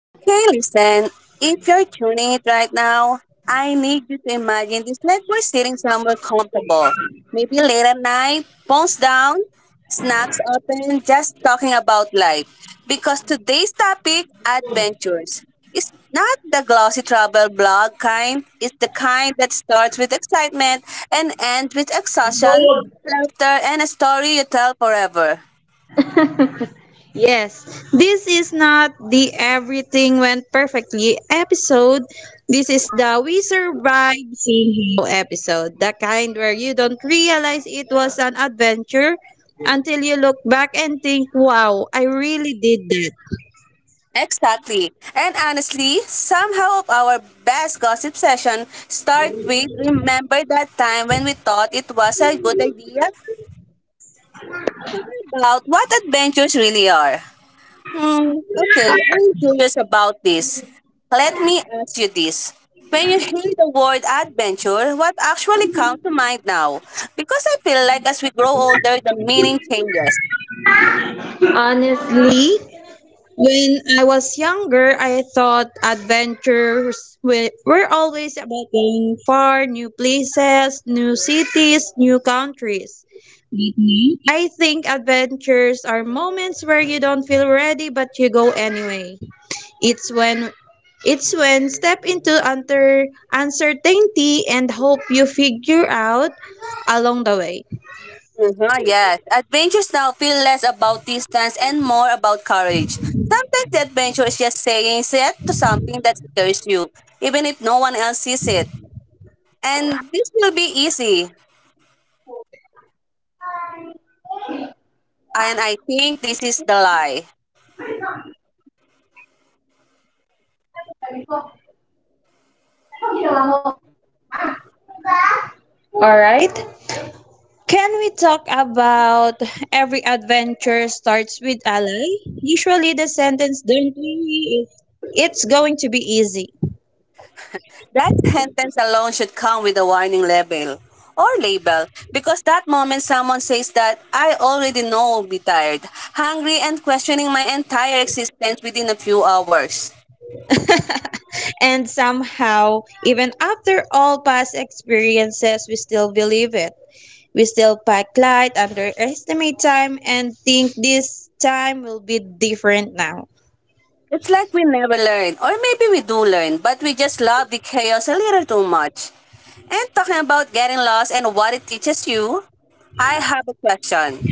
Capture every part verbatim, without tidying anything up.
Okay, listen. If you're tuning it right now, I need you to imagine this like we're sitting somewhere comfortable. Maybe late at night, phones down, snacks open, just talking about life. Because today's topic, adventures, is not the glossy travel blog kind. It's the kind that starts with excitement and ends with exhaustion, laughter, and a story you tell forever. Yes, this is not the Everything Went Perfectly episode. This is the We Survived Saying Hello episode, the kind where you don't realize it was an adventure until you look back and think, wow, I really did that. Exactly. And honestly, somehow of our best gossip session start with remember that time when we thought it was a good idea. Talking about what adventures really are. Hmm, okay, I'm curious about this. Let me ask you this. When you hear the word adventure, what actually comes to mind now? Because I feel like as we grow older, the meaning changes. Honestly, when I was younger, I thought adventures were were always about going far, new places, new cities, new countries. I think adventures are moments where you don't feel ready but you go anyway. It's when it's when step into unter, uncertainty and hope you figure out along the way. Mhm, yes. Adventures now feel less about distance and more about courage. Sometimes the adventure is just saying yes to something that scares you, even if no one else sees it. And this will be easy. And I think this is the lie. All right. Right? Can we talk about every adventure starts with ally? Usually the sentence don't we is it's going to be easy. That sentence alone should come with a warning label or label, because that moment someone says that I already know I'll be tired, hungry, and questioning my entire existence within a few hours. And somehow, even after all past experiences, we still believe it. We still pack light, underestimate time, and think this time will be different now. It's like we never learn, or maybe we do learn, but we just love the chaos a little too much. And talking about getting lost and what it teaches you, I have a question.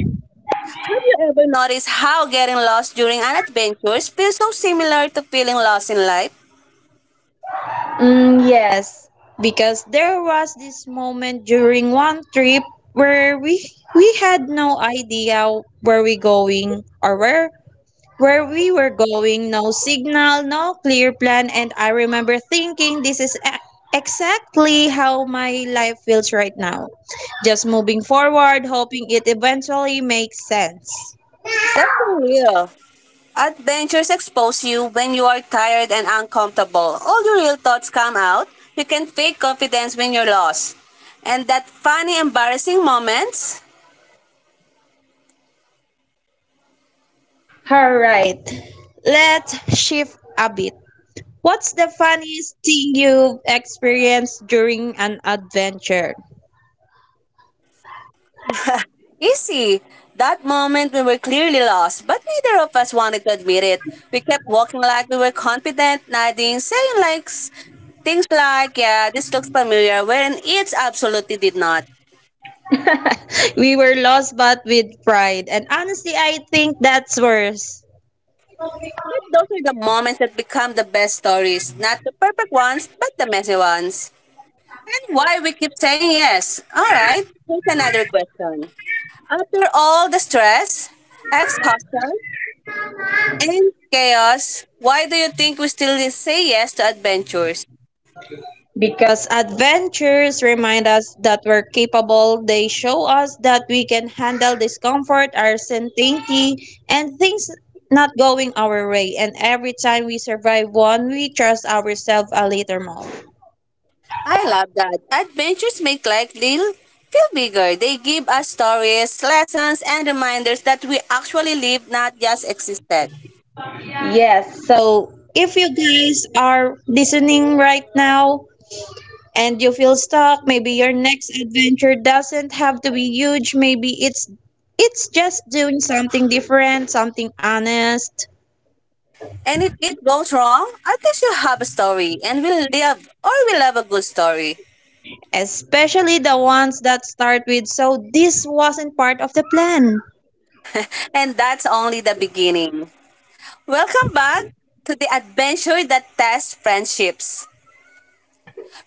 Have you ever noticed how getting lost during an adventure feels so similar to feeling lost in life? Mm, yes, because there was this moment during one trip where we we had no idea where we going or where where we were going. No signal, no clear plan, and I remember thinking this is e- exactly how my life feels right now. Just moving forward, hoping it eventually makes sense. That's so real. Adventures expose you when you are tired and uncomfortable. All your real thoughts come out. You can fake confidence when you're lost. And that funny, embarrassing moments. All right, let's shift a bit. What's the funniest thing you've experienced during an adventure? Easy. That moment we were clearly lost, but neither of us wanted to admit it. We kept walking like we were confident, nodding, saying like s- things like, yeah, this looks familiar, when it absolutely did not. We were lost but with pride, and honestly, I think that's worse. But those are the moments that become the best stories. Not the perfect ones, but the messy ones. And why we keep saying yes. Alright, here's another question. After all the stress, exhaustion, and chaos, why do you think we still say yes to adventures? Because adventures remind us that we're capable, they show us that we can handle discomfort, uncertainty, and things not going our way. And every time we survive one, we trust ourselves a little more. I love that. Adventures make life little feel bigger. They give us stories, lessons, and reminders that we actually live, not just existed. Yes, so if you guys are listening right now and you feel stuck, maybe your next adventure doesn't have to be huge, maybe it's it's just doing something different, something honest, And if it goes wrong, at least you have a story, and we live or we love a good story. especially the ones that start with so this wasn't part of the plan. And that's only the beginning. Welcome back to the adventure that tests friendships.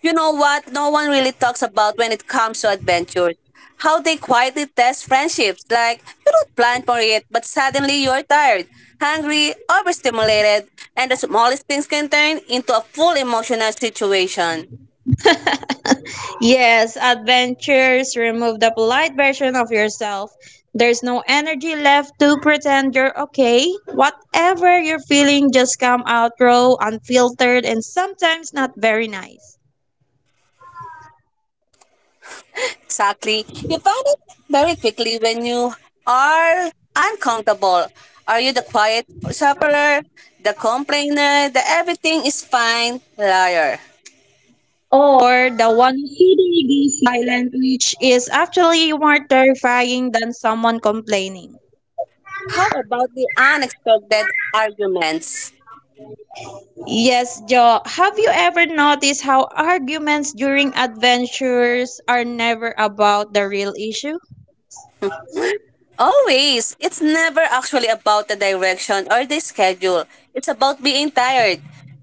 You know what no one really talks about when it comes to adventures? How they quietly test friendships. Like, you don't plan for it, but suddenly you're tired, hungry, overstimulated, and the smallest things can turn into a full emotional situation. Yes, adventures remove the polite version of yourself. There's no energy left to pretend you're okay. Whatever you're feeling just come out raw, unfiltered, and sometimes not very nice. Exactly. You find it very quickly when you are uncomfortable. Are you the quiet sufferer, the complainer, the everything is fine liar? Or the one feeding the silent, which is actually more terrifying than someone complaining. How about the unexpected arguments? Yes, Jo, have you ever noticed how arguments during adventures are never about the real issue? Always. It's never actually about the direction or the schedule. It's about being tired,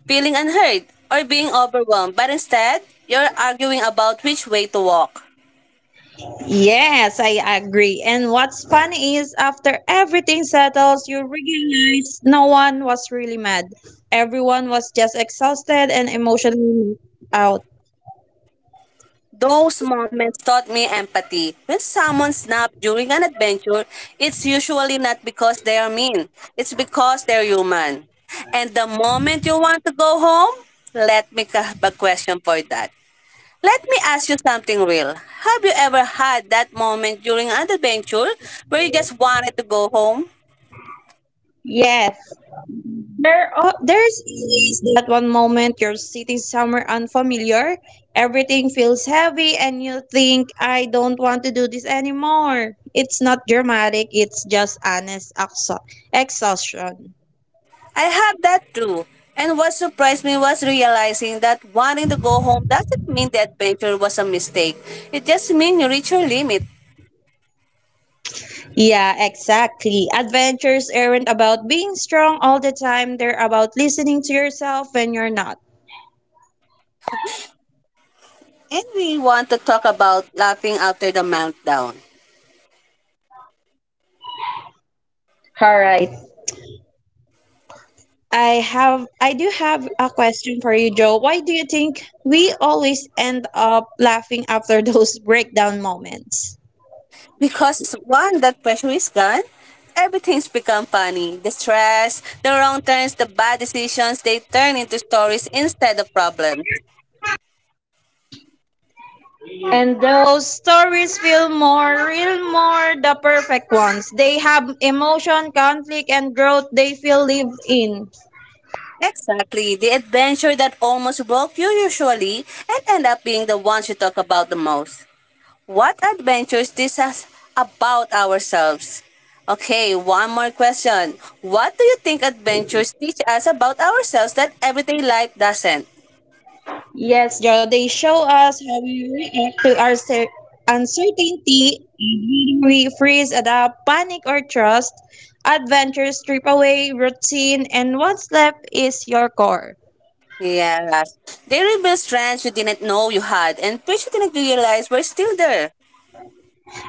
feeling unheard, or being overwhelmed. But instead, you're arguing about which way to walk. Yes, I agree. And what's funny is after everything settles, you realize no one was really mad. Everyone was just exhausted and emotionally out. Those moments taught me empathy. When someone snaps during an adventure, it's usually not because they are mean. It's because they're human. And the moment you want to go home, let me have a question for that. Let me ask you something real. Have you ever had that moment during an adventure where you just wanted to go home? Yes. There are, there's always that one moment you're sitting somewhere unfamiliar, everything feels heavy and you think I don't want to do this anymore. It's not dramatic, it's just honest exha- exhaustion. I have that too. And what surprised me was realizing that wanting to go home doesn't mean the adventure was a mistake. It just means you reach your limit. Yeah, exactly. Adventures aren't about being strong all the time. They're about listening to yourself when you're not. And we want to talk about laughing after the meltdown. All right. I have I do have a question for you, Joe. Why do you think we always end up laughing after those breakdown moments? Because once that pressure is gone, everything's become funny. The stress, the wrong turns, the bad decisions, they turn into stories instead of problems. And those stories feel more real, more the perfect ones. They have emotion, conflict, and growth they feel lived in. Exactly, the adventure that almost broke you usually and end up being the ones you talk about the most. What adventures teach us about ourselves? Okay, one more question. What do you think adventures teach us about ourselves that everyday life doesn't? Yes, Joe, they show us how we react to our cer- uncertainty, whether we freeze, adapt, panic, or trust. Adventure, strip away routine, and what's left is your core. Yes. They reveal strengths you didn't know you had and which you didn't realize were still there.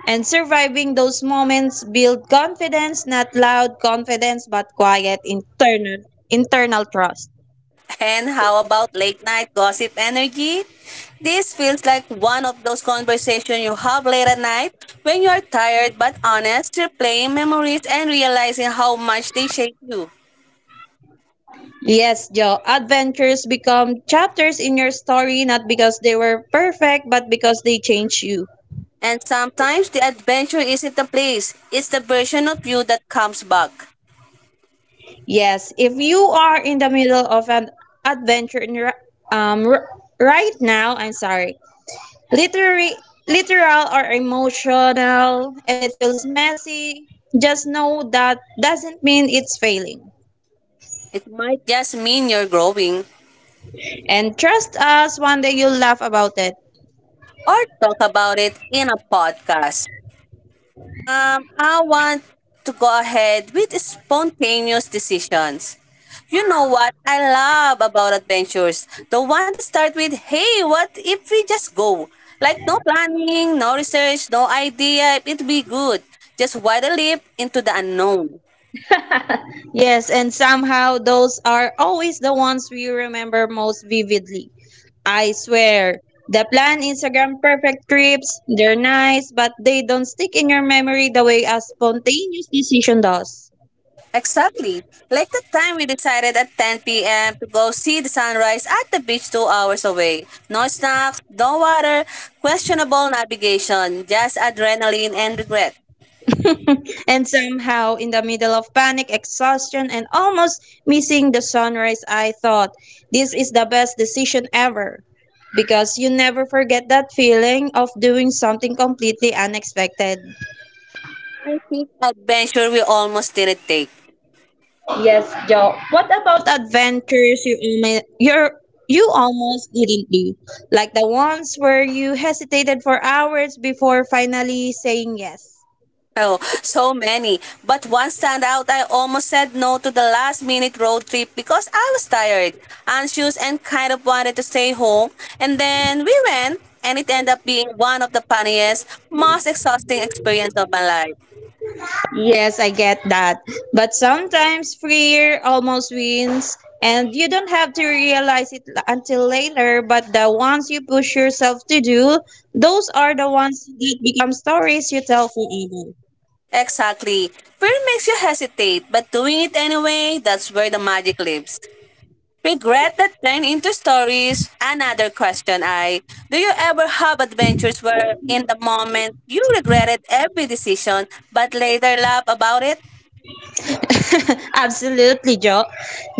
And surviving those moments build confidence, not loud confidence, but quiet internal internal trust. And how about late night gossip energy? This feels like one of those conversations you have late at night when you are tired but honest, replaying memories and realizing how much they shape you. Yes, Joe. Adventures become chapters in your story not because they were perfect, but because they change you. And sometimes the adventure isn't the place, it's the version of you that comes back. Yes, if you are in the middle of an adventure in, ri- um, r- right now, I'm sorry, literary, literal or emotional, and it feels messy, just know that doesn't mean it's failing. It might just mean you're growing, And trust us, one day you'll laugh about it. or talk about it in a podcast. Um, I want to go ahead with spontaneous decisions. You know what I love about adventures? The one that start with, hey, what if we just go? Like no planning, no research, no idea if it'd be good. Just wide a leap into the unknown. Yes, and somehow those are always the ones we remember most vividly. I swear. The plan Instagram perfect trips, they're nice, but they don't stick in your memory the way a spontaneous decision does. Exactly. Like the time we decided at ten p m to go see the sunrise at the beach two hours away. No snacks, no water, questionable navigation, just adrenaline and regret. and somehow, in the middle of panic, exhaustion, and almost missing the sunrise, I thought, this is the best decision ever. Because you never forget that feeling of doing something completely unexpected. I think adventure we almost didn't take. Yes, Joe. What about adventures you almost you're you almost didn't do? Like the ones where you hesitated for hours before finally saying yes. Oh, so many. But one stand out, I almost said no to the last minute road trip because I was tired, anxious, and kind of wanted to stay home. And then we went, and it ended up being one of the funniest, most exhausting experience of my life. Yes, I get that. But sometimes fear almost wins and you don't have to realize it l- until later, but the ones you push yourself to do, those are the ones that become stories you tell forever. Exactly. Fear makes you hesitate, but doing it anyway, that's where the magic lives. Regret that turned into stories. Another question. I do you ever have adventures where in the moment you regretted every decision but later laugh about it? Absolutely, Joe.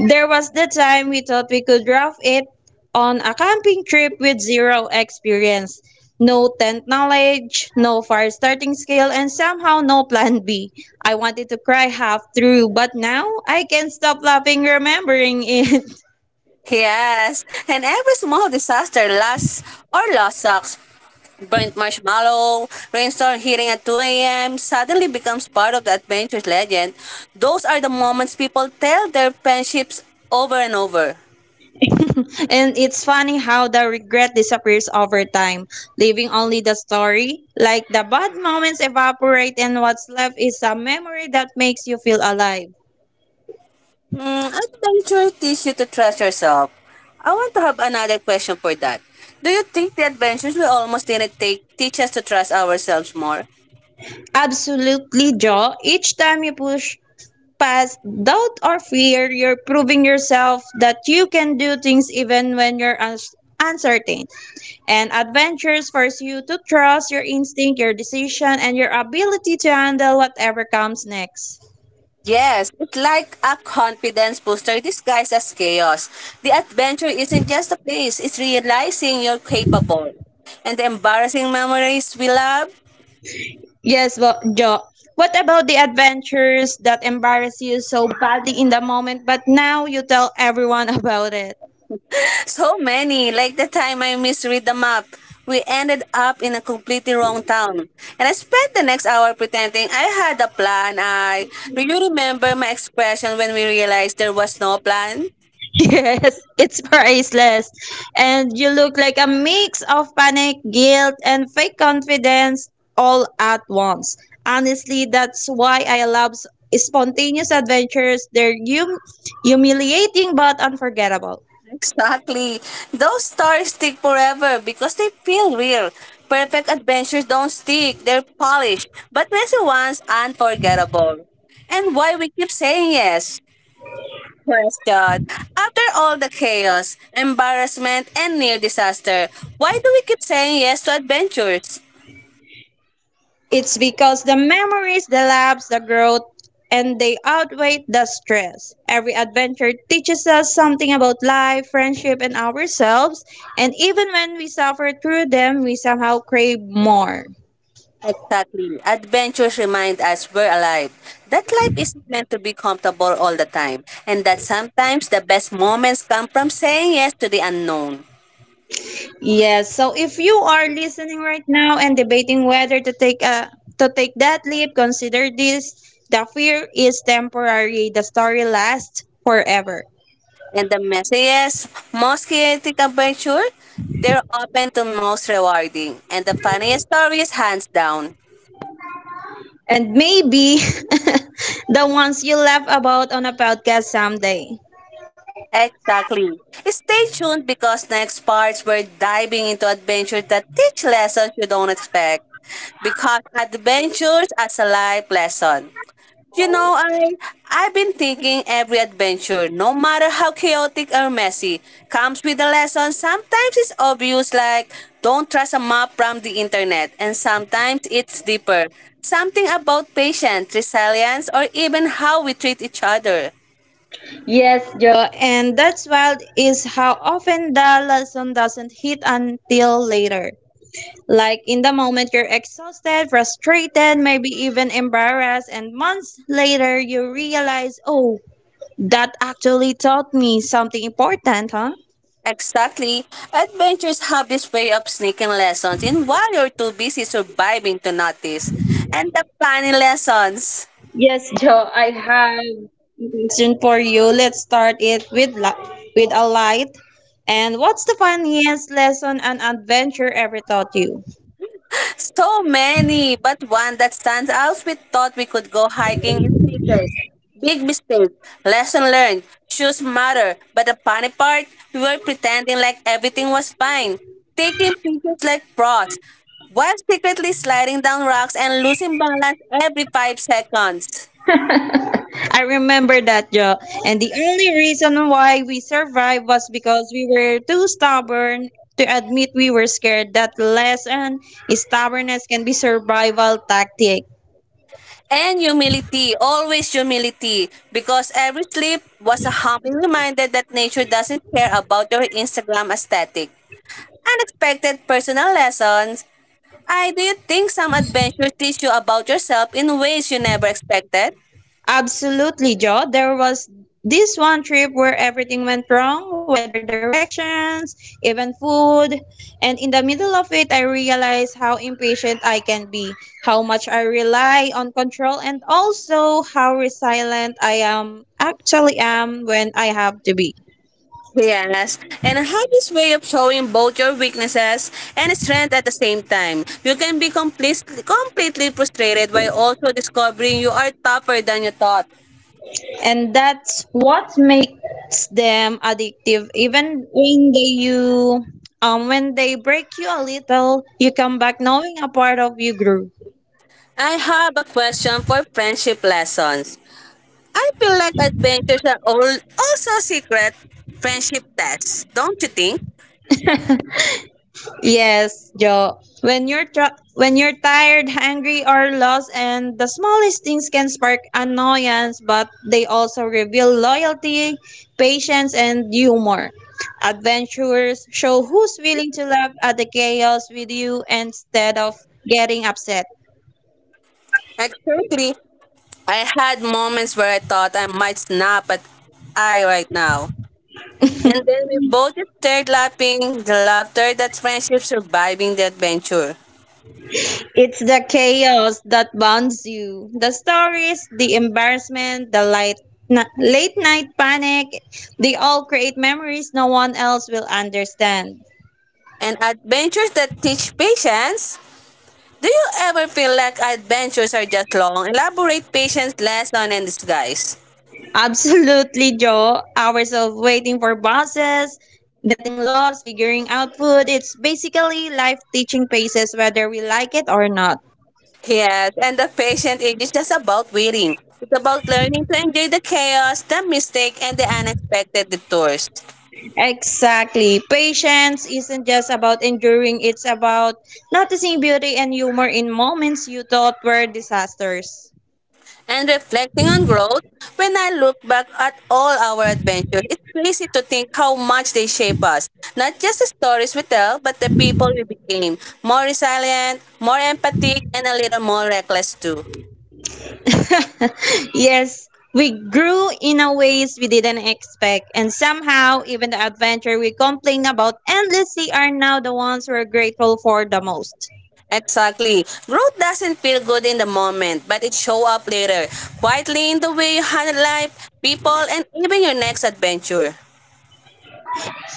There was the time we thought we could rough it on a camping trip with zero experience, no tent knowledge, no fire starting skill, and somehow no plan B. I wanted to cry half through, but now I can't stop laughing remembering it. Yes. And every small disaster lasts or lost socks, burnt marshmallow, rainstorm hitting at two a m suddenly becomes part of the adventure's legend. Those are the moments people tell their friendships over and over. And it's funny how the regret disappears over time, leaving only the story. Like the bad moments evaporate, and what's left is a memory that makes you feel alive. Mm, adventure teach you to trust yourself. I want to have another question for that. Do you think the adventures we almost didn't take teach us to trust ourselves more? Absolutely, Joe. Each time you push past doubt or fear, you're proving yourself that you can do things even when you're uns- uncertain. And adventures force you to trust your instinct, your decision, and your ability to handle whatever comes next. Yes, it's like a confidence booster disguised as chaos. The adventure isn't just a place, it's realizing you're capable. And the embarrassing memories we love. Yes, well, Joe. What about the adventures that embarrass you so badly in the moment, but now you tell everyone about it? So many, like the time I misread the map. We ended up in a completely wrong town. And I spent the next hour pretending I had a plan. I do you remember my expression when we realized there was no plan? Yes, it's priceless. And you look like a mix of panic, guilt, and fake confidence all at once. Honestly, that's why I love s- spontaneous adventures. They're hum- humiliating but unforgettable. Exactly. Those stories stick forever because they feel real. Perfect adventures don't stick, they're polished, but messy ones unforgettable. And why we keep saying yes. Question. After all the chaos, embarrassment, and near disaster, why do we keep saying yes to adventures? It's because the memories, the laughs, the growth, and they outweigh the stress. Every adventure teaches us something about life, friendship, and ourselves. And even when we suffer through them, we somehow crave more. Exactly. Adventures remind us we're alive. That life isn't meant to be comfortable all the time, and that sometimes the best moments come from saying yes to the unknown. Yes. So if you are listening right now and debating whether to take a to take that leap, consider this: the fear is temporary, the story lasts forever, And the messiest, most chaotic adventure, they're often the most rewarding, and the funniest stories hands down. and maybe the ones you laugh about on a podcast someday. Exactly. Stay tuned because next parts we're diving into adventures that teach lessons you don't expect. Because adventures as a life lesson. You know, I I've been thinking every adventure, no matter how chaotic or messy, comes with a lesson. Sometimes it's obvious like don't trust a map from the internet, and sometimes it's deeper. Something about patience, resilience, or even how we treat each other. Yes, Joe. And that's wild is how often the lesson doesn't hit until later. Like in the moment you're exhausted, frustrated, maybe even embarrassed, and months later you realize, oh, that actually taught me something important, huh? Exactly. Adventures have this way of sneaking lessons in while you're too busy surviving to notice. And the funny lessons. Yes, Joe, I have. Mhm. Question for you. Let's start it with li- with a light. And what's the funniest lesson an adventure ever taught you? So many, but one that stands out we thought we could go hiking in sneakers. Big mistake. Lesson learned. Shoes matter. But the funny part, we were pretending like everything was fine. Taking pictures like pros. While secretly sliding down rocks and losing balance every five seconds. I remember that, Joe. And the only reason why we survived was because we were too stubborn to admit we were scared. That lesson is stubbornness can be survival tactic. And humility, always humility, because every slip was a humbling reminder that nature doesn't care about your Instagram aesthetic. Unexpected personal lessons. I do you think some adventures teach you about yourself in ways you never expected? Absolutely, Joe. There was this one trip where everything went wrong, weather directions, even food. And in the middle of it, I realized how impatient I can be, how much I rely on control, and also how resilient I am actually am when I have to be. Yes, and I have this way of showing both your weaknesses and strength at the same time. You can be completely completely frustrated while also discovering you are tougher than you thought. And that's what makes them addictive. Even when they you um when they break you a little, you come back knowing a part of you grew. I have a question for friendship lessons. I feel like adventures are all also secret friendship tests, don't you think? Yes, Joe. When you're tr- when you're tired, hungry, or lost, and the smallest things can spark annoyance, but they also reveal loyalty, patience, and humor. Adventurers show who's willing to laugh at the chaos with you instead of getting upset. Exactly. I had moments where I thought I might snap at I right now. And then we both just stared laughing, the laughter that's friendship surviving the adventure. It's the chaos that bonds you. The stories, the embarrassment, the light, na- late night panic, they all create memories no one else will understand. And adventures that teach patience. Do you ever feel like adventures are just long, elaborate patience lesson in disguise? Absolutely, Joe. Hours of waiting for buses, getting lost, figuring out food. It's basically life teaching paces whether we like it or not. Yes, and the patient age is just about waiting. It's about learning to enjoy the chaos, the mistake, and the unexpected detours. Exactly. Patience isn't just about enduring, it's about noticing beauty and humor in moments you thought were disasters. And reflecting on growth, when I look back at all our adventures, it's crazy to think how much they shape us. Not just the stories we tell, but the people we became. More resilient, more empathic, and a little more reckless too. yes, we grew in a ways we didn't expect, and somehow even the adventure we complain about endlessly are now the ones we're grateful for the most. Exactly. Growth doesn't feel good in the moment, but it show up later, quietly in the way you handle life, people, and even your next adventure.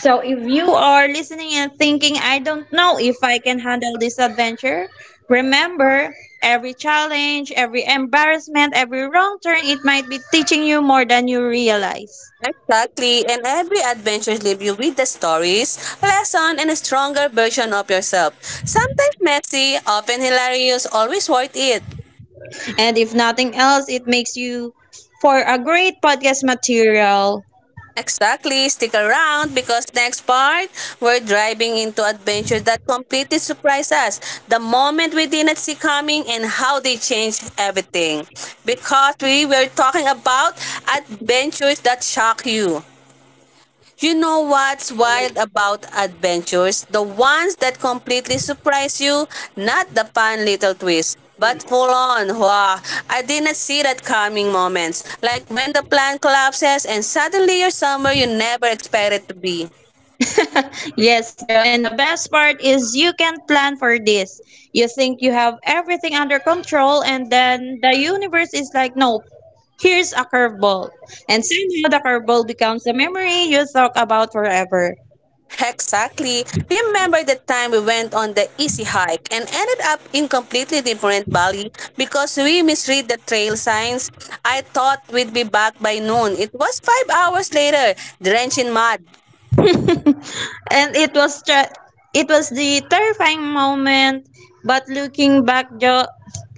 So if you are listening and thinking, I don't know if I can handle this adventure, remember every challenge, every embarrassment, every wrong turn, it might be teaching you more than you realize. Exactly, and every adventure leaves you with the stories, lesson, and a stronger version of yourself. Sometimes messy, often hilarious, always worth it. And if nothing else, it makes you for a great podcast material. Exactly. Stick around because next part, we're driving into adventures that completely surprise us. The moment we did not see coming and how they changed everything. Because we were talking about adventures that shock you, you know what's wild about adventures? The ones that completely surprise you, not the fun little twists, but full on. Wow, I didn't see that coming moments, like when the plan collapses and suddenly you're somewhere you never expected to be. yes, Joe. And the best part is you can plan for this. You think you have everything under control, and then the universe is like, no, here's a curveball. And somehow the curveball becomes a memory you talk about forever. Exactly. Remember the time we went on the easy hike and ended up in completely different valley because we misread the trail signs? I thought we'd be back by noon. It was five hours later, drenched in mud. And it was tra- it was the terrifying moment, but looking back, jo-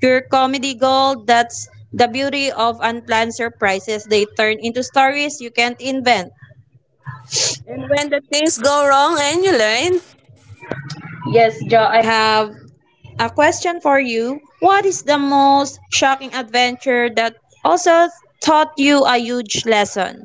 your comedy gold, that's the beauty of unplanned surprises. They turn into stories you can't invent. And when the things go wrong and you learn, Yes, Jo, I have a question for you. What is the most shocking adventure that also taught you a huge lesson?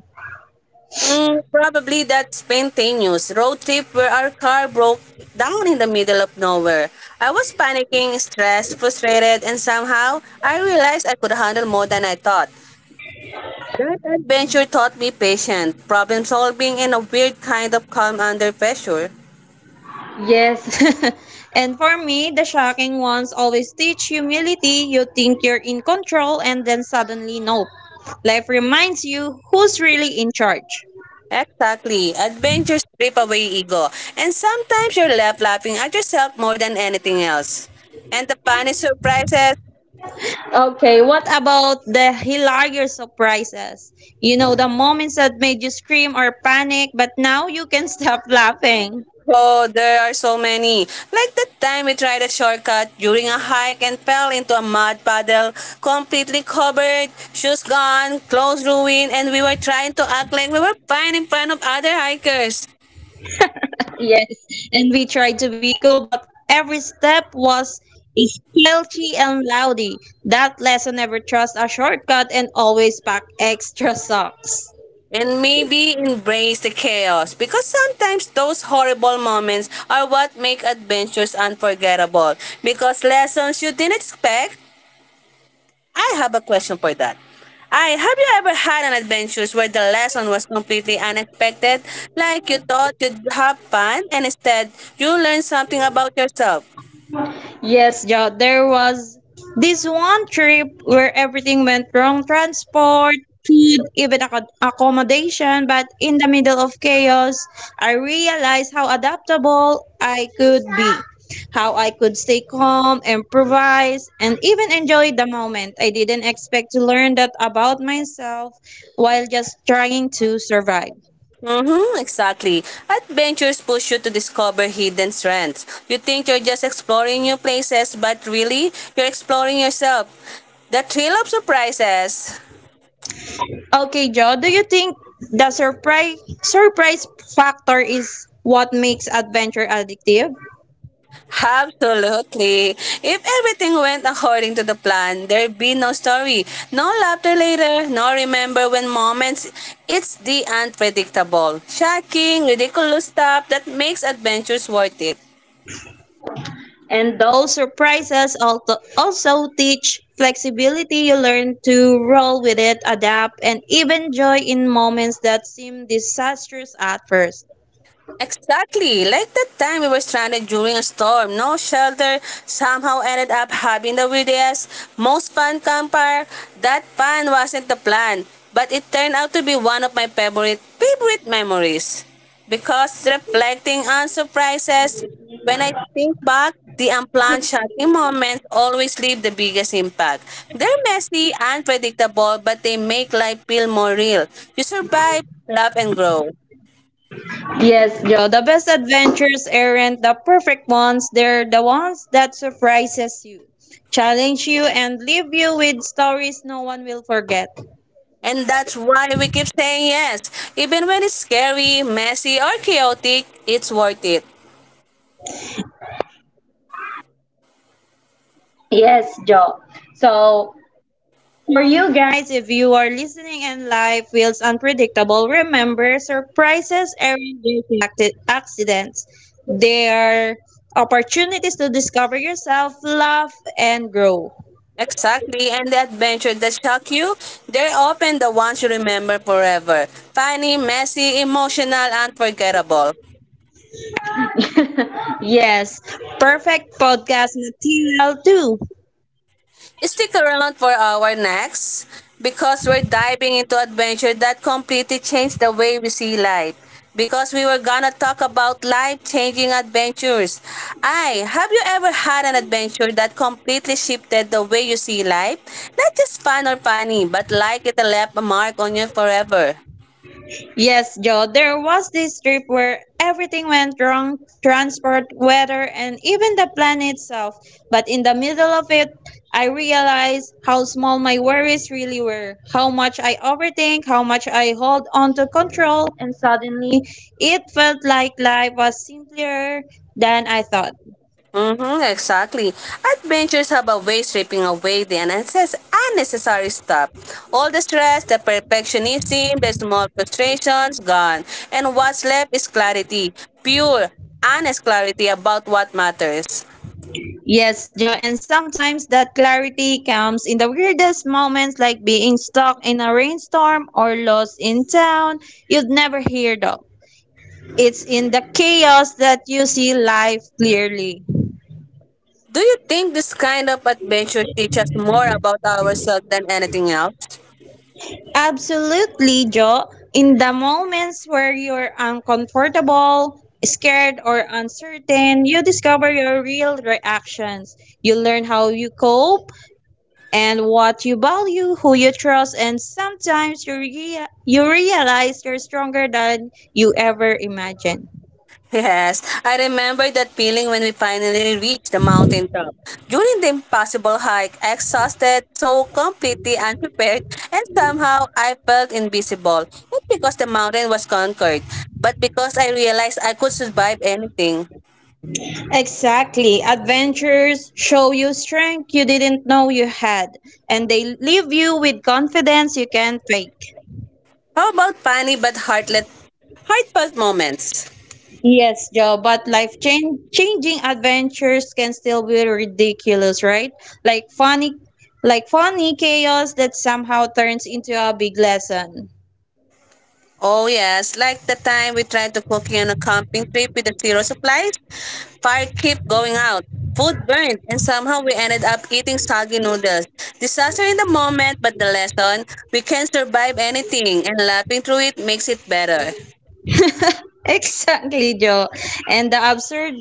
mm, probably that's spontaneous road trip where our car broke down in the middle of nowhere. I was panicking, stressed, frustrated, and somehow I realized I could handle more than I thought. That adventure taught me patience, problem solving, and a weird kind of calm under pressure. Yes. and for me, the shocking ones always teach humility. You think you're in control and then suddenly nope. Life reminds you who's really in charge. Exactly. Adventures strip away ego, and sometimes you're left laughing at yourself more than anything else. And the funny surprises. Okay, what about the hilarious surprises? You know, the moments that made you scream or panic, but now you can stop laughing. Oh, there are so many. Like that time we tried a shortcut during a hike and fell into a mud puddle, completely covered, shoes gone, clothes ruined, and we were trying to act like we were fine in front of other hikers. Yes, and we tried to be cool, but every step was guilty and loudy. That lesson never trust a shortcut and always pack extra socks. And maybe embrace the chaos because sometimes those horrible moments are what make adventures unforgettable. Because lessons you didn't expect, I have a question for that. I have you ever had an adventure where the lesson was completely unexpected? Like you thought you'd have fun and instead you learned something about yourself. Yes, Jo, there was this one trip where everything went wrong transport, food, even acco- accommodation. But in the middle of chaos, I realized how adaptable I could be, how I could stay calm, improvise, and even enjoy the moment. I didn't expect to learn that about myself while just trying to survive. Mm-hmm, exactly. Adventures push you to discover hidden strengths. You think you're just exploring new places, but really, you're exploring yourself. The thrill of surprises. Okay, Joe, do you think the surprise surprise factor is what makes adventure addictive? Absolutely. If everything went according to the plan, there'd be no story, no laughter later, no remember when moments. It's the unpredictable, shocking, ridiculous stuff that makes adventures worth it. And those surprises alto- also teach flexibility. You learn to roll with it, adapt, and even joy in moments that seem disastrous at first. Exactly, like that time we were stranded during a storm, no shelter, somehow ended up having the weirdest, most fun campfire. That fun wasn't the plan, but it turned out to be one of my favorite favorite memories. Because reflecting on surprises, when I think back, the unplanned shocking moments always leave the biggest impact. They're messy, unpredictable, but they make life feel more real. You survive, love, and grow. Yes, Joe. Joe, the best adventures aren't the perfect ones. They're the ones that surprises you, challenge you, and leave you with stories no one will forget. And that's why we keep saying yes. Even when it's scary, messy, or chaotic, it's worth it. Yes, Joe. So for you guys, if you are listening and life feels unpredictable, remember surprises aren't just acti- accidents. They are opportunities to discover yourself, love, and grow. Exactly, and the adventures that shock you, they're often the ones you remember forever. Funny, messy, emotional, unforgettable. Yes, perfect podcast material too. Stick around for our next because we're diving into adventure that completely changed the way we see life. Because we were gonna talk about life changing adventures. I have you ever had an adventure that completely shifted the way you see life? Not just fun or funny, but like it left a mark on you forever. Yes, Joe, there was this trip where everything went wrong transport, weather, and even the plan itself. But in the middle of it, I realized how small my worries really were, how much I overthink, how much I hold on to control, and suddenly it felt like life was simpler than I thought. Mm-hmm, exactly. Adventures have a way of stripping away the unnecess- unnecessary stuff. All the stress, the perfectionism, the small frustrations, gone. And what's left is clarity, pure, honest clarity about what matters. Yes, Joe, and sometimes that clarity comes in the weirdest moments like being stuck in a rainstorm or lost in town you'd never hear though. It's in the chaos that you see life clearly. Do you think this kind of adventure teaches us more about ourselves than anything else? Absolutely, Joe. In the moments where you're uncomfortable, scared, or uncertain, you discover your real reactions. You learn how you cope and what you value, who you trust, and sometimes you, rea- you realize you're stronger than you ever imagined. Yes, I remember that feeling when we finally reached the mountain top. During the impossible hike, I exhausted, so completely unprepared, and somehow I felt invisible. Not because the mountain was conquered, but because I realized I could survive anything. Exactly. Adventures show you strength you didn't know you had, and they leave you with confidence you can't fake. How about funny but heartless, heartfelt moments? Yes, Joe, but life change, changing adventures can still be ridiculous, right? Like funny like funny chaos that somehow turns into a big lesson. Oh yes, like the time we tried to cooking on a camping trip with the zero supplies. Fire kept going out, food burned, and somehow we ended up eating soggy noodles. Disaster in the moment, but the lesson, we can survive anything and laughing through it makes it better. Exactly, Joe. And the absurd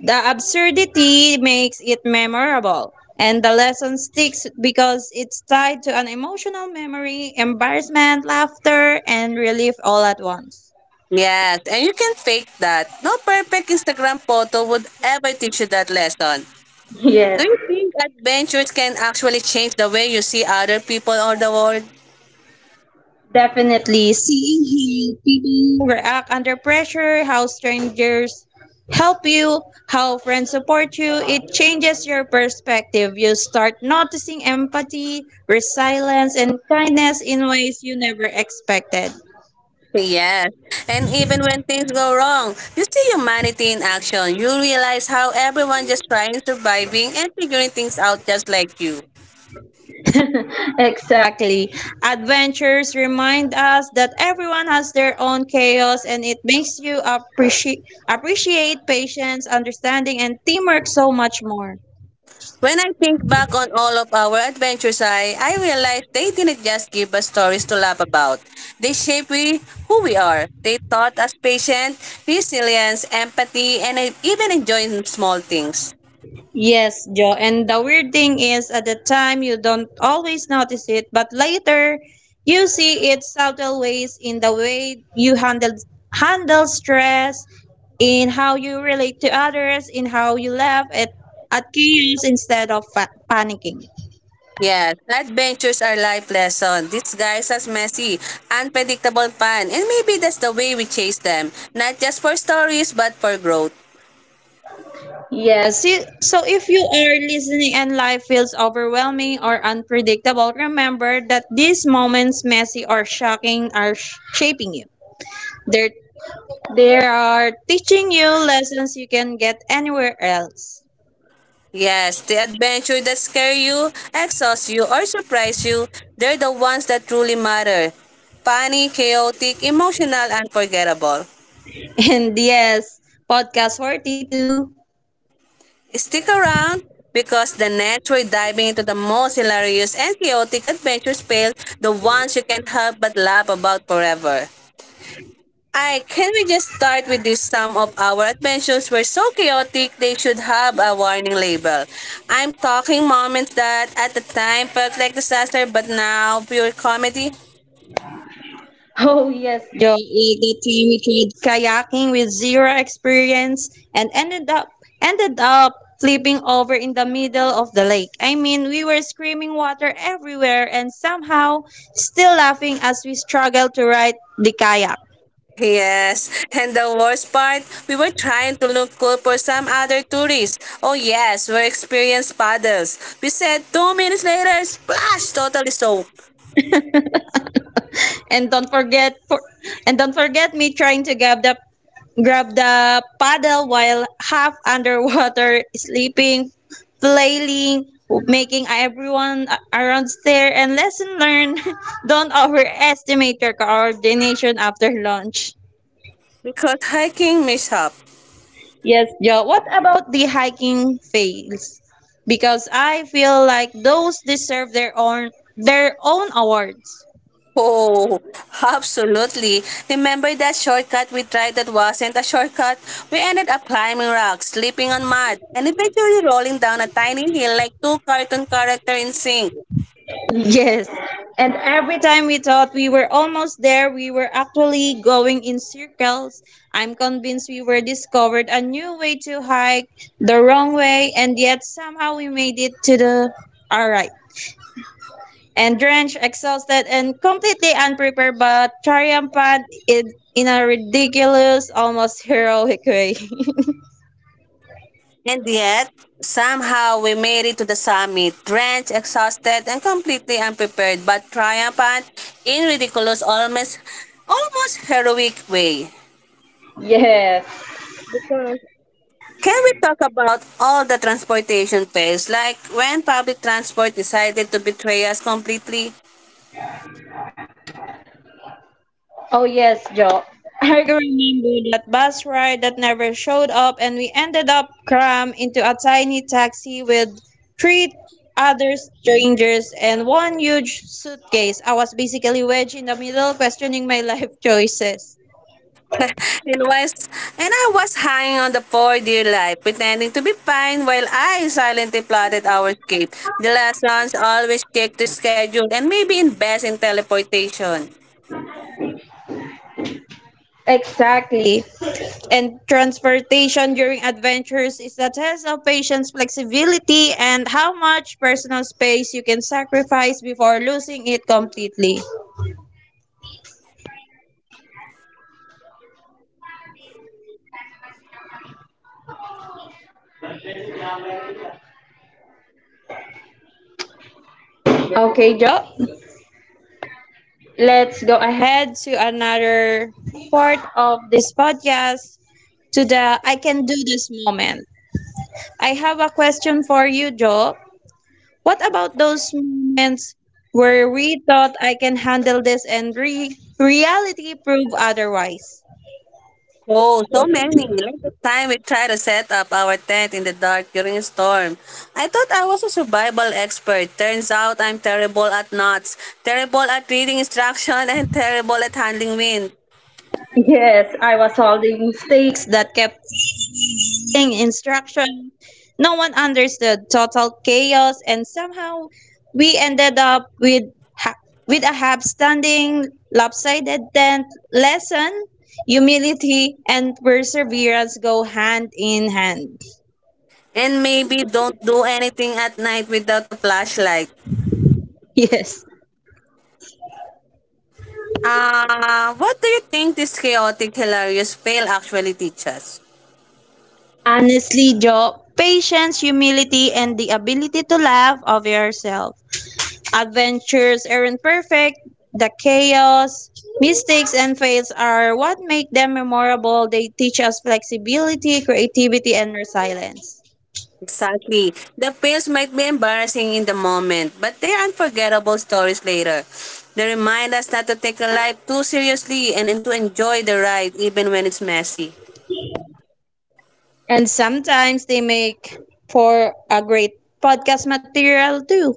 the absurdity makes it memorable. And the lesson sticks because it's tied to an emotional memory, embarrassment, laughter, and relief all at once. Yes, and you can fake that. No perfect Instagram photo would ever teach you that lesson. Do Yes, you think adventures can actually change the way you see other people or the world? definitely. Seeing how people react under pressure, how strangers help you, how friends support you, it changes your perspective. You start noticing empathy, resilience, and kindness in ways you never expected. Yes. And even when things go wrong, you see humanity in action. You realize how everyone just trying surviving and figuring things out just like you. Exactly. Adventures remind us that everyone has their own chaos, and it makes you appreciate appreciate patience, understanding, and teamwork so much more. When I think back on all of our adventures, I, I realize they didn't just give us stories to laugh about. They shape we, who we are. They taught us patience, resilience, empathy, and uh, even enjoying small things. Yes, Joe. And the weird thing is, at the time, you don't always notice it, but later, you see its subtle ways in the way you handle handle stress, in how you relate to others, in how you laugh at at chaos instead of fa- panicking. Yes, adventures are life lesson, disguised as messy, unpredictable fun, and maybe that's the way we chase them, not just for stories but for growth. Yes. you- So if you are listening and life feels overwhelming or unpredictable, remember that these moments, messy or shocking, are sh- shaping you. They're. They are teaching you lessons you can get anywhere else. Yes, the adventure that scare you, exhaust you, or surprise you, they're the ones that truly matter. Funny, chaotic, emotional, unforgettable. And yes, podcast forty-two. Stick around because the next we're diving into the most hilarious and chaotic adventures tales, the ones you can't help but laugh about forever. I can we just start with this some of our adventures were so chaotic they should have a warning label. I'm talking moments that at the time felt like disaster but now pure comedy. Oh, yes. Yo, that time we tried kayaking with zero experience and ended up ended up flipping over in the middle of the lake. I mean, we were screaming water everywhere and somehow still laughing as we struggled to ride the kayak. Yes, and the worst part, we were trying to look cool for some other tourists. Oh yes, we're experienced paddles. We said two minutes later, splash, totally soaked. And don't forget for and don't forget me trying to grab the grab the paddle while half underwater, sleeping, flailing, making everyone a- around stare. And lesson learned, don't overestimate your coordination after launch. Because hiking mishap. Yes, Joe. What about the hiking fails? Because I feel like those deserve their own their own awards. Oh, absolutely. Remember that shortcut we tried that wasn't a shortcut? We ended up climbing rocks, slipping on mud, and eventually rolling down a tiny hill like two cartoon characters in sync. Yes. And every time we thought we were almost there, we were actually going in circles. I'm convinced we were discovered a new way to hike the wrong way, and yet somehow we made it to the all right. And drenched, exhausted, and completely unprepared, but triumphant in, in a ridiculous, almost heroic way. And yet, somehow we made it to the summit, drenched, exhausted, and completely unprepared, but triumphant in ridiculous, almost, almost heroic way. Yes. Can we talk about all the transportation fails, like when public transport decided to betray us completely? Oh yes, Joe. I can remember that bus ride that never showed up and we ended up crammed into a tiny taxi with three other strangers and one huge suitcase. I was basically wedged in the middle questioning my life choices. In West, and I was hanging on the poor dear life, pretending to be fine while I silently plotted our escape. The lessons always check the schedule and maybe invest in teleportation. Exactly. And transportation during adventures is the test of patience, flexibility, and how much personal space you can sacrifice before losing it completely. Okay, Joe, let's go ahead to another part of this podcast to the I can do this moment. I have a question for you, Joe. What about those moments where we thought I can handle this and re- reality proved otherwise? Oh, so many. Like the time we tried to set up our tent in the dark during a storm. I thought I was a survival expert. Turns out I'm terrible at knots, terrible at reading instruction, and terrible at handling wind. Yes, I was solving mistakes that kept giving instruction. No one understood total chaos, and somehow we ended up with ha- with a half-standing, lopsided tent lesson. Humility and perseverance go hand in hand. And maybe don't do anything at night without a flashlight. Yes. Uh, what do you think this chaotic, hilarious fail actually teaches? Honestly, Joe, patience, humility, and the ability to laugh of yourself. Adventures aren't perfect. The chaos, mistakes, and fails are what make them memorable. They teach us flexibility, creativity, and resilience. Exactly. The fails might be embarrassing in the moment, but they're unforgettable stories later. They remind us not to take a life too seriously and and to enjoy the ride even when it's messy. And sometimes they make for a great podcast material too.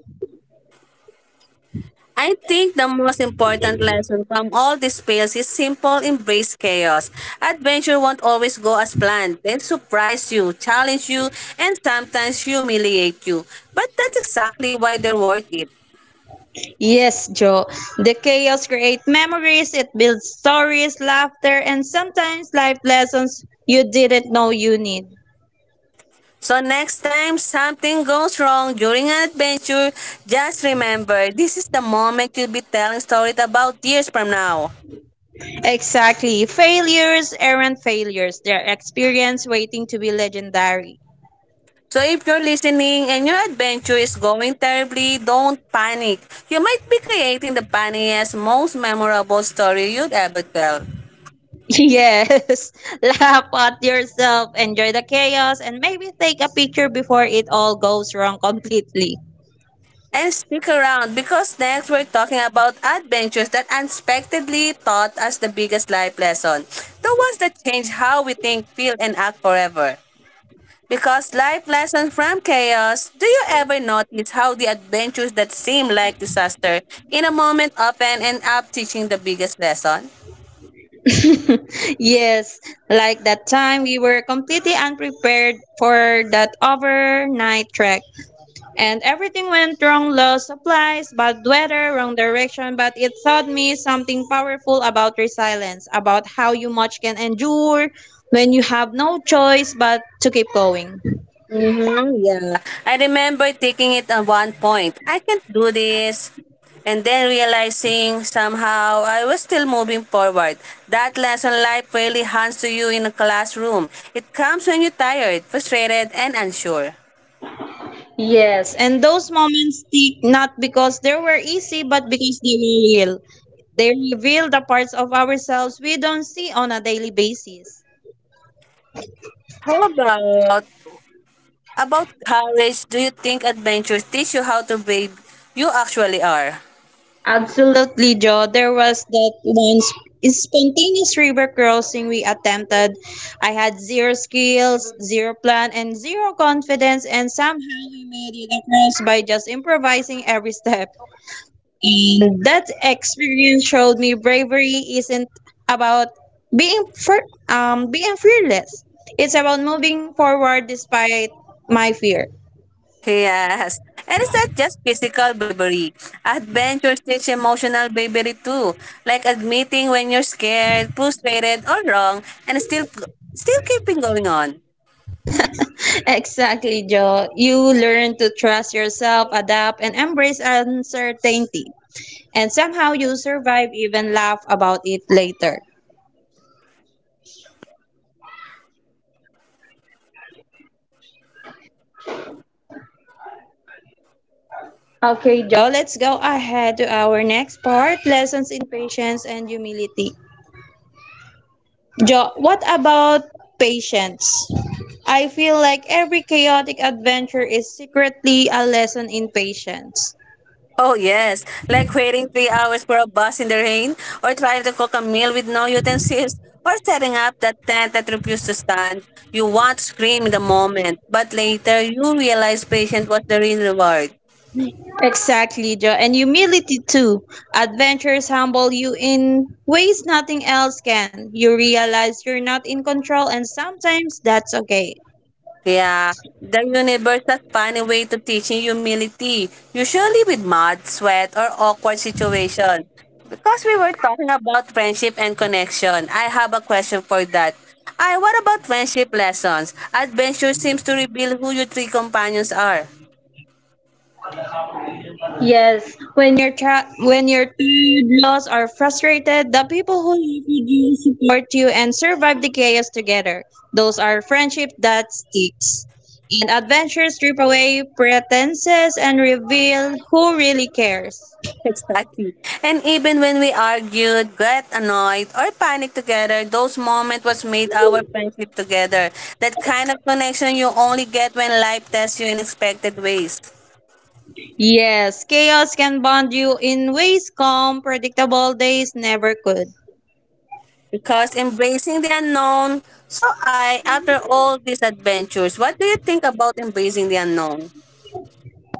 I think the most important lesson from all these fails is simple embrace chaos. Adventure won't always go as planned. They'll surprise you, challenge you, and sometimes humiliate you. But that's exactly why they're worth it. Yes, Joe. The chaos creates memories, it builds stories, laughter, and sometimes life lessons you didn't know you need. So next time something goes wrong during an adventure, just remember this is the moment you'll be telling stories about years from now. Exactly. Failures aren't failures. They're experience waiting to be legendary. So if you're listening and your adventure is going terribly, don't panic. You might be creating the funniest, most memorable story you'd ever tell. Yes, laugh at yourself, enjoy the chaos, and maybe take a picture before it all goes wrong completely. And stick around because next we're talking about adventures that unexpectedly taught us the biggest life lesson. The ones that change how we think, feel, and act forever. Because life lessons from chaos, do you ever notice how the adventures that seem like disaster in a moment often end up teaching the biggest lesson? Yes, like that time we were completely unprepared for that overnight trek, and everything went wrong lost supplies, bad weather, wrong direction. But it taught me something powerful about resilience, about how you much can endure when you have no choice but to keep going. Mm-hmm, yeah. I remember thinking it at one point, I can't do this. And then realizing somehow I was still moving forward. That lesson life really hands to you in a classroom. It comes when you're tired, frustrated, and unsure. Yes, and those moments stick not because they were easy, but because they were real. They reveal the parts of ourselves we don't see on a daily basis. How about About courage, do you think adventures teach you how to brave you actually are? Absolutely, Joe. There was that one sp- spontaneous river crossing we attempted. I had zero skills, zero plan, and zero confidence, and somehow we made it across by just improvising every step. And that experience showed me bravery isn't about being fer- um being fearless. It's about moving forward despite my fear. Yes. And it's not just physical bravery. Adventures teach emotional bravery too. Like admitting when you're scared, frustrated, or wrong, and still still keeping going on. Exactly, Joe. You learn to trust yourself, adapt, and embrace uncertainty. And somehow you survive, even laugh about it later. Okay, Joe, let's go ahead to our next part lessons in patience and humility. Joe, what about patience? I feel like every chaotic adventure is secretly a lesson in patience. Oh, yes. Like waiting three hours for a bus in the rain, or trying to cook a meal with no utensils, or setting up that tent that refused to stand. You want to scream in the moment, but later you realize patience was the real reward. Exactly, Joe. And humility too. Adventures humble you in ways nothing else can. You realize you're not in control, and sometimes that's okay. Yeah, the universe has found a way to teaching humility, usually with mud, sweat, or awkward situation. Because we were talking about friendship and connection, I have a question for that. I what about friendship lessons? Adventure seems to reveal who your three companions are. Yes, when your tra- when your laws are frustrated, the people who love you do support you and survive the chaos together. Those are friendship that sticks. And adventures strip away pretenses and reveal who really cares. Exactly. And even when we argued, got annoyed, or panicked together, those moments was made our friendship together. That kind of connection you only get when life tests you in unexpected ways. Yes, chaos can bond you in ways calm, predictable days never could. Because embracing the unknown. So I, after all these adventures, what do you think about embracing the unknown?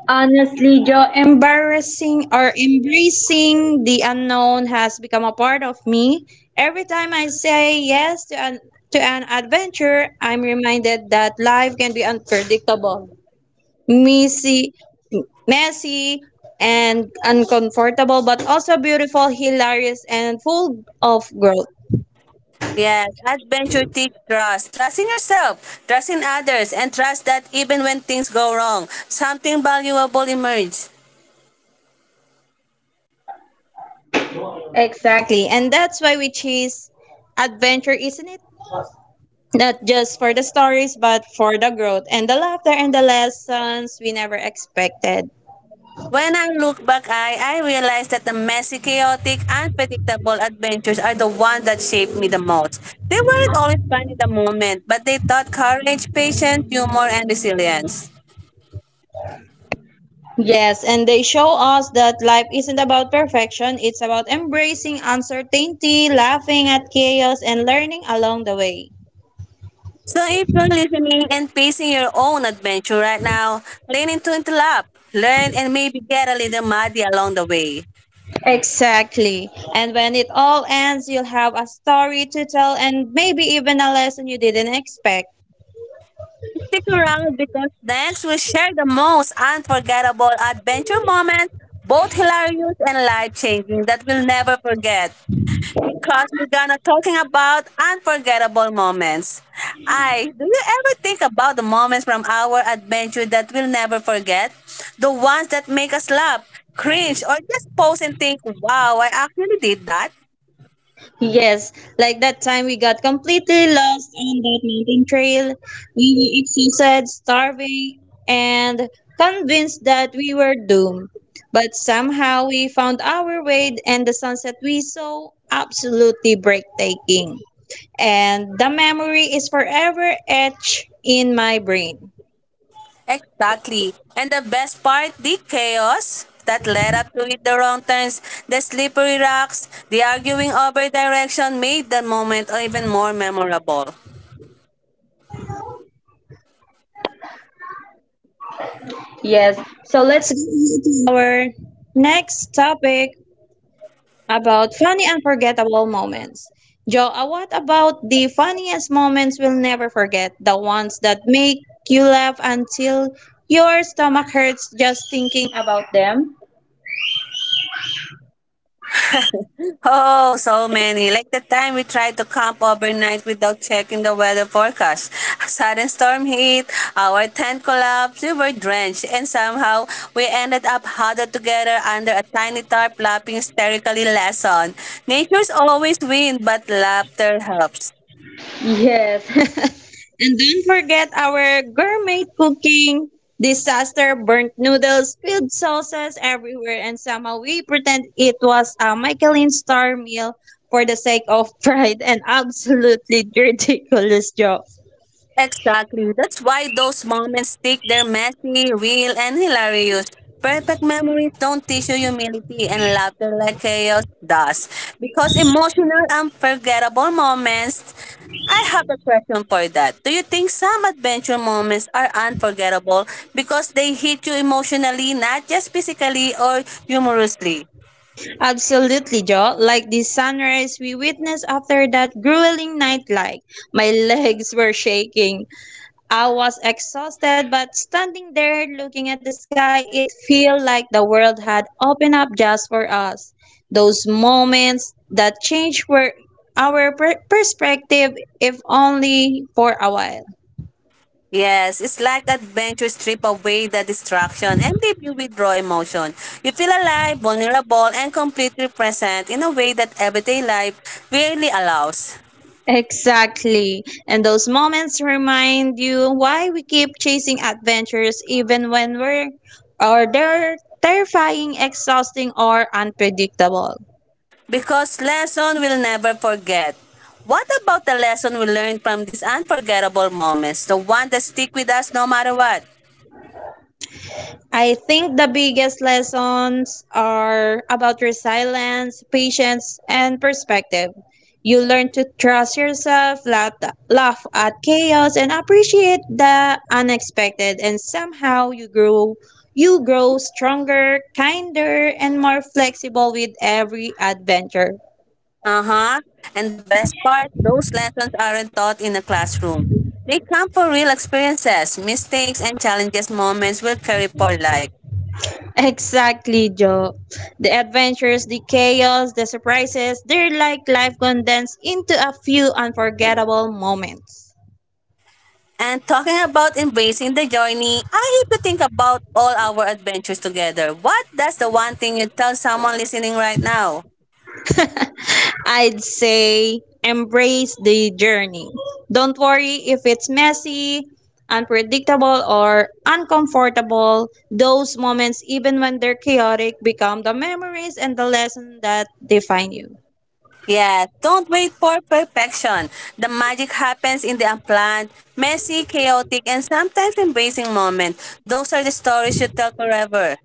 Honestly, Joe, embarrassing or embracing the unknown has become a part of me. Every time I say yes to an, to an adventure, I'm reminded that life can be unpredictable, messy, messy, and uncomfortable, but also beautiful, hilarious, and full of growth. Yes, adventure teach trust. Trust in yourself, trust in others, and trust that even when things go wrong, something valuable emerges. Exactly, and that's why we chase adventure, isn't it? Not just for the stories, but for the growth and the laughter and the lessons we never expected. When I look back, I, I realize that the messy, chaotic, unpredictable adventures are the ones that shaped me the most. They weren't always fun in the moment, but they taught courage, patience, humor, and resilience. Yes, and they show us that life isn't about perfection, it's about embracing uncertainty, laughing at chaos, and learning along the way. So if you're listening and facing your own adventure right now, lean into it lap, learn and maybe get a little muddy along the way. Exactly. And when it all ends, you'll have a story to tell and maybe even a lesson you didn't expect. Stick around because next we'll share the most unforgettable adventure moments, both hilarious and life changing that we'll never forget. Because we're gonna talking about unforgettable moments. I Do you ever think about the moments from our adventure that we'll never forget? The ones that make us laugh, cringe, or just pause and think, wow, I actually did that. Yes, like that time we got completely lost on that mountain trail. We were exhausted, starving, and convinced that we were doomed. But somehow we found our way, and the sunset we saw absolutely breathtaking. And the memory is forever etched in my brain. Exactly. And the best part, the chaos that led up to it the wrong turns, the slippery rocks, the arguing over direction made the moment even more memorable. Yes, so let's go to our next topic about funny unforgettable moments. Joe, uh, what about the funniest moments we'll never forget? The ones that make you laugh until your stomach hurts just thinking about them? Oh, so many. Like the time we tried to camp overnight without checking the weather forecast. A sudden storm hit, our tent collapsed, we were drenched, and somehow we ended up huddled together under a tiny tarp laughing hysterically lesson. Nature's always win, but laughter helps. Yes. Don't forget our gourmet cooking disaster, burnt noodles, spilled sauces everywhere, and somehow we pretend it was a Michelin star meal for the sake of pride and absolutely ridiculous joke. Exactly. That's why those moments stick. They're messy, real, and hilarious. Perfect memories don't teach you humility and laughter like chaos does. Because emotional, unforgettable moments. I have a question for that. Do you think some adventure moments are unforgettable because they hit you emotionally, not just physically or humorously? Absolutely, Joe. Like the sunrise we witnessed after that grueling night like. My legs were shaking. I was exhausted, but standing there looking at the sky, it felt like the world had opened up just for us. Those moments that change were our per- perspective, if only for a while. Yes, it's like adventure strip away the distraction and leave you with raw emotion. You feel alive, vulnerable, and completely present in a way that everyday life rarely allows. Exactly. And those moments remind you why we keep chasing adventures even when we're or they're terrifying, exhausting, or unpredictable. Because lesson we'll never forget. What about the lesson we learned from these unforgettable moments? The one that stick with us no matter what. I think the biggest lessons are about resilience, patience, and perspective. You learn to trust yourself, laugh, laugh at chaos, and appreciate the unexpected. And somehow you grow, you grow stronger, kinder, and more flexible with every adventure. Uh-huh. And the best part, those lessons aren't taught in a classroom. They come from real experiences, mistakes, and challenges moments will carry for life. Exactly, Joe. The adventures, the chaos, the surprises—they're like life condensed into a few unforgettable moments. And talking about embracing the journey, I need to think about all our adventures together. What that's the one thing you tell someone listening right now? I'd say embrace the journey. Don't worry if it's messy, unpredictable, or uncomfortable. Those moments, even when they're chaotic, become the memories and the lesson that define you. Yeah, don't wait for perfection. The magic happens in the unplanned, messy, chaotic, and sometimes embracing moment. Those are the stories you tell forever.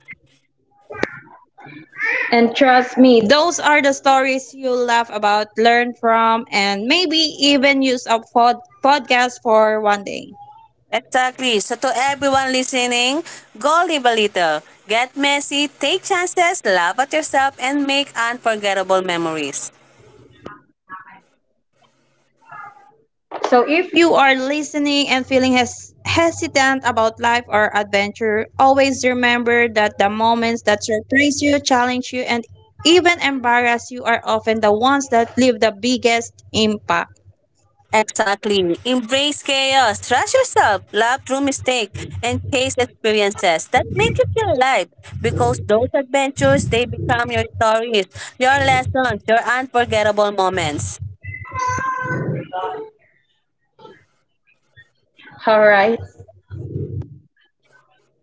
And trust me, those are the stories you'll laugh about, learn from, and maybe even use a pod- podcast for one day. Exactly. So to everyone listening, go live a little. Get messy, take chances, laugh at yourself, and make unforgettable memories. So, if you are listening and feeling hes- hesitant about life or adventure, always remember that the moments that surprise you, challenge you, and even embarrass you are often the ones that leave the biggest impact. Exactly. Embrace chaos, trust yourself, laugh through mistakes, and chase experiences that make you feel alive. Because those adventures, they become your stories, your lessons, your unforgettable moments. All right.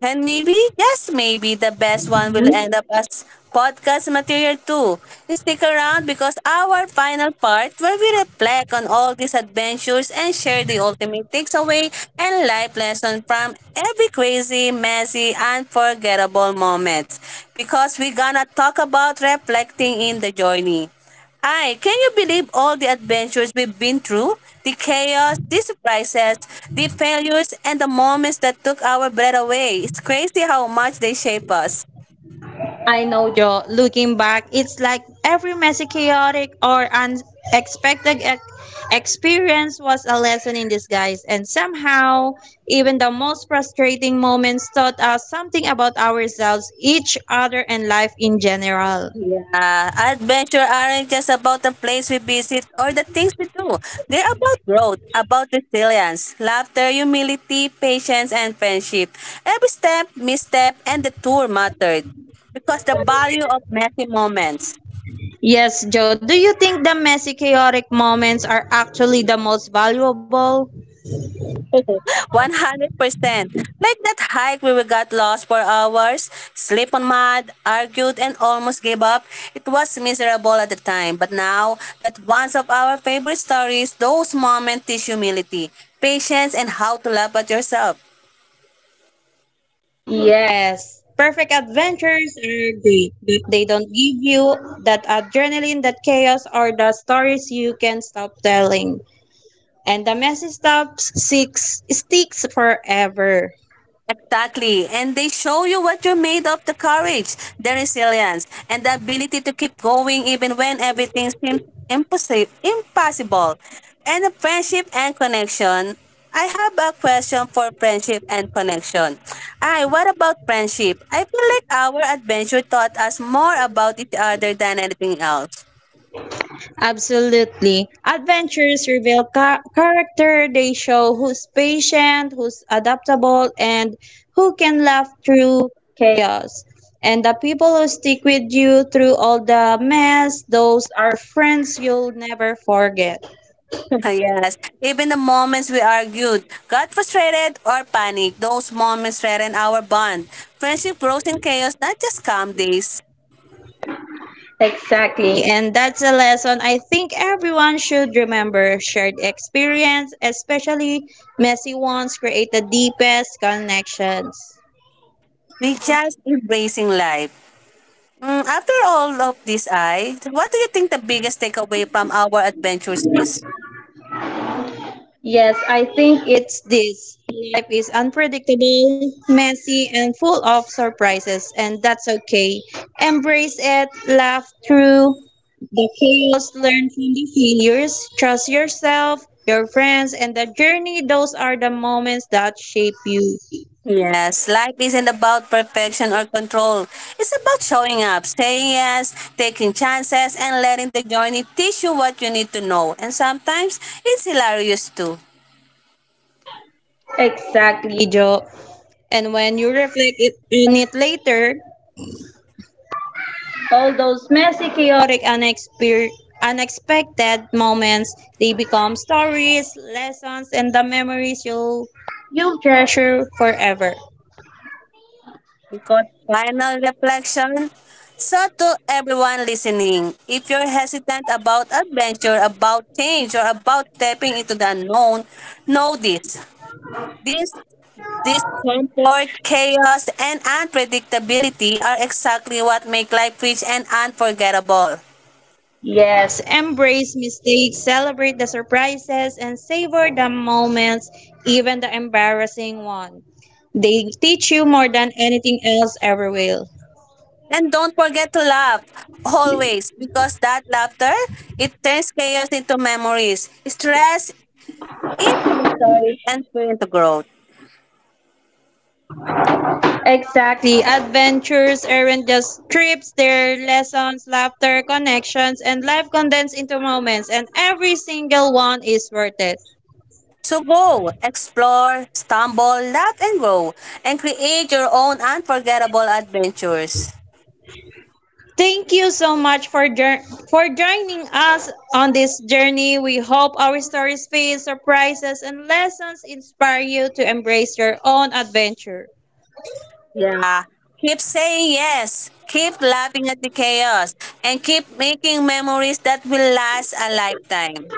And maybe, yes, maybe the best one will end up as podcast material too. Stick around because our final part where we reflect on all these adventures and share the ultimate takeaway and life lesson from every crazy, messy, unforgettable moments. Because we're gonna talk about reflecting in the journey. Ay, can you believe all the adventures we've been through? The chaos, the surprises, the failures, and the moments that took our breath away. It's crazy how much they shape us. I know, Joe. Looking back, it's like every messy, chaotic, or unexpected ex- experience was a lesson in disguise, and somehow, even the most frustrating moments taught us something about ourselves, each other, and life in general. Yeah, adventure aren't just about the place we visit or the things we do. They're about growth, about resilience, laughter, humility, patience, and friendship. Every step, misstep, and the tour mattered because the value of messy moments. Yes, Joe, do you think the messy, chaotic moments are actually the most valuable? one hundred percent. Like that hike where we got lost for hours, sleep on mud, argued, and almost gave up. It was miserable at the time, but now that one's of our favorite stories, those moments teach humility, patience, and how to laugh at yourself. Yes, perfect adventures are great, but they don't give you that adrenaline, that chaos, or the stories you can stop telling. And the messy stuff six sticks forever. Exactly. And they show you what you're made of the courage, the resilience, and the ability to keep going even when everything seems impossible. Impossible. And the friendship and connection. I have a question for friendship and connection. I, what about friendship? I feel like our adventure taught us more about each other than anything else. Absolutely. Adventures reveal ca- character. They show who's patient, who's adaptable, and who can laugh through chaos. And the people who stick with you through all the mess, those are friends you'll never forget. Yes. Even the moments we argued, got frustrated, or panicked, those moments threaten our bond. Friendship grows in chaos, not just calm days. Exactly. And that's a lesson I think everyone should remember. Shared experience, especially messy ones, create the deepest connections. We just embracing life. Mm, after all of this, I, what do you think the biggest takeaway from our adventures is? Yes, I think it's this. Life is unpredictable, messy, and full of surprises, and that's okay. Embrace it, laugh through the chaos, learn from the failures, trust yourself, your friends, and the journey. Those are the moments that shape you. Yes, life isn't about perfection or control. It's about showing up, saying yes, taking chances, and letting the journey teach you what you need to know. And sometimes it's hilarious too. Exactly, Joe. And when you reflect it, on it later, all those messy, chaotic, unexpe- unexpected moments, they become stories, lessons, and the memories you'll, you'll treasure forever. Because final reflection. So, to everyone listening, if you're hesitant about adventure, about change, or about stepping into the unknown, know this. This this comfort, chaos, and unpredictability are exactly what make life rich and unforgettable. Yes, embrace mistakes, celebrate the surprises, and savor the moments, even the embarrassing one. They teach you more than anything else ever will. And don't forget to laugh always because that laughter it turns chaos into memories, stress into the stories, and fear into growth. Exactly. Adventures aren't just trips, they're lessons, laughter, connections, and life condensed into moments, and every single one is worth it. So go, explore, stumble, laugh, and grow, and create your own unforgettable adventures. Thank you so much for jour- for joining us on this journey. We hope our stories, feels, surprises, and lessons inspire you to embrace your own adventure Yeah. Keep saying yes, keep laughing at the chaos, and keep making memories that will last a lifetime.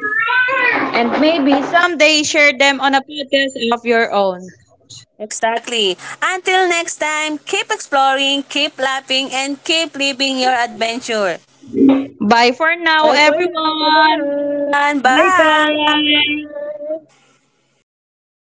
and maybe someday share them on a podcast of your own. Exactly. Until next time, keep exploring, keep laughing, and keep living your adventure. Bye for now, Bye for now, everyone. everyone. And bye. Bye bye.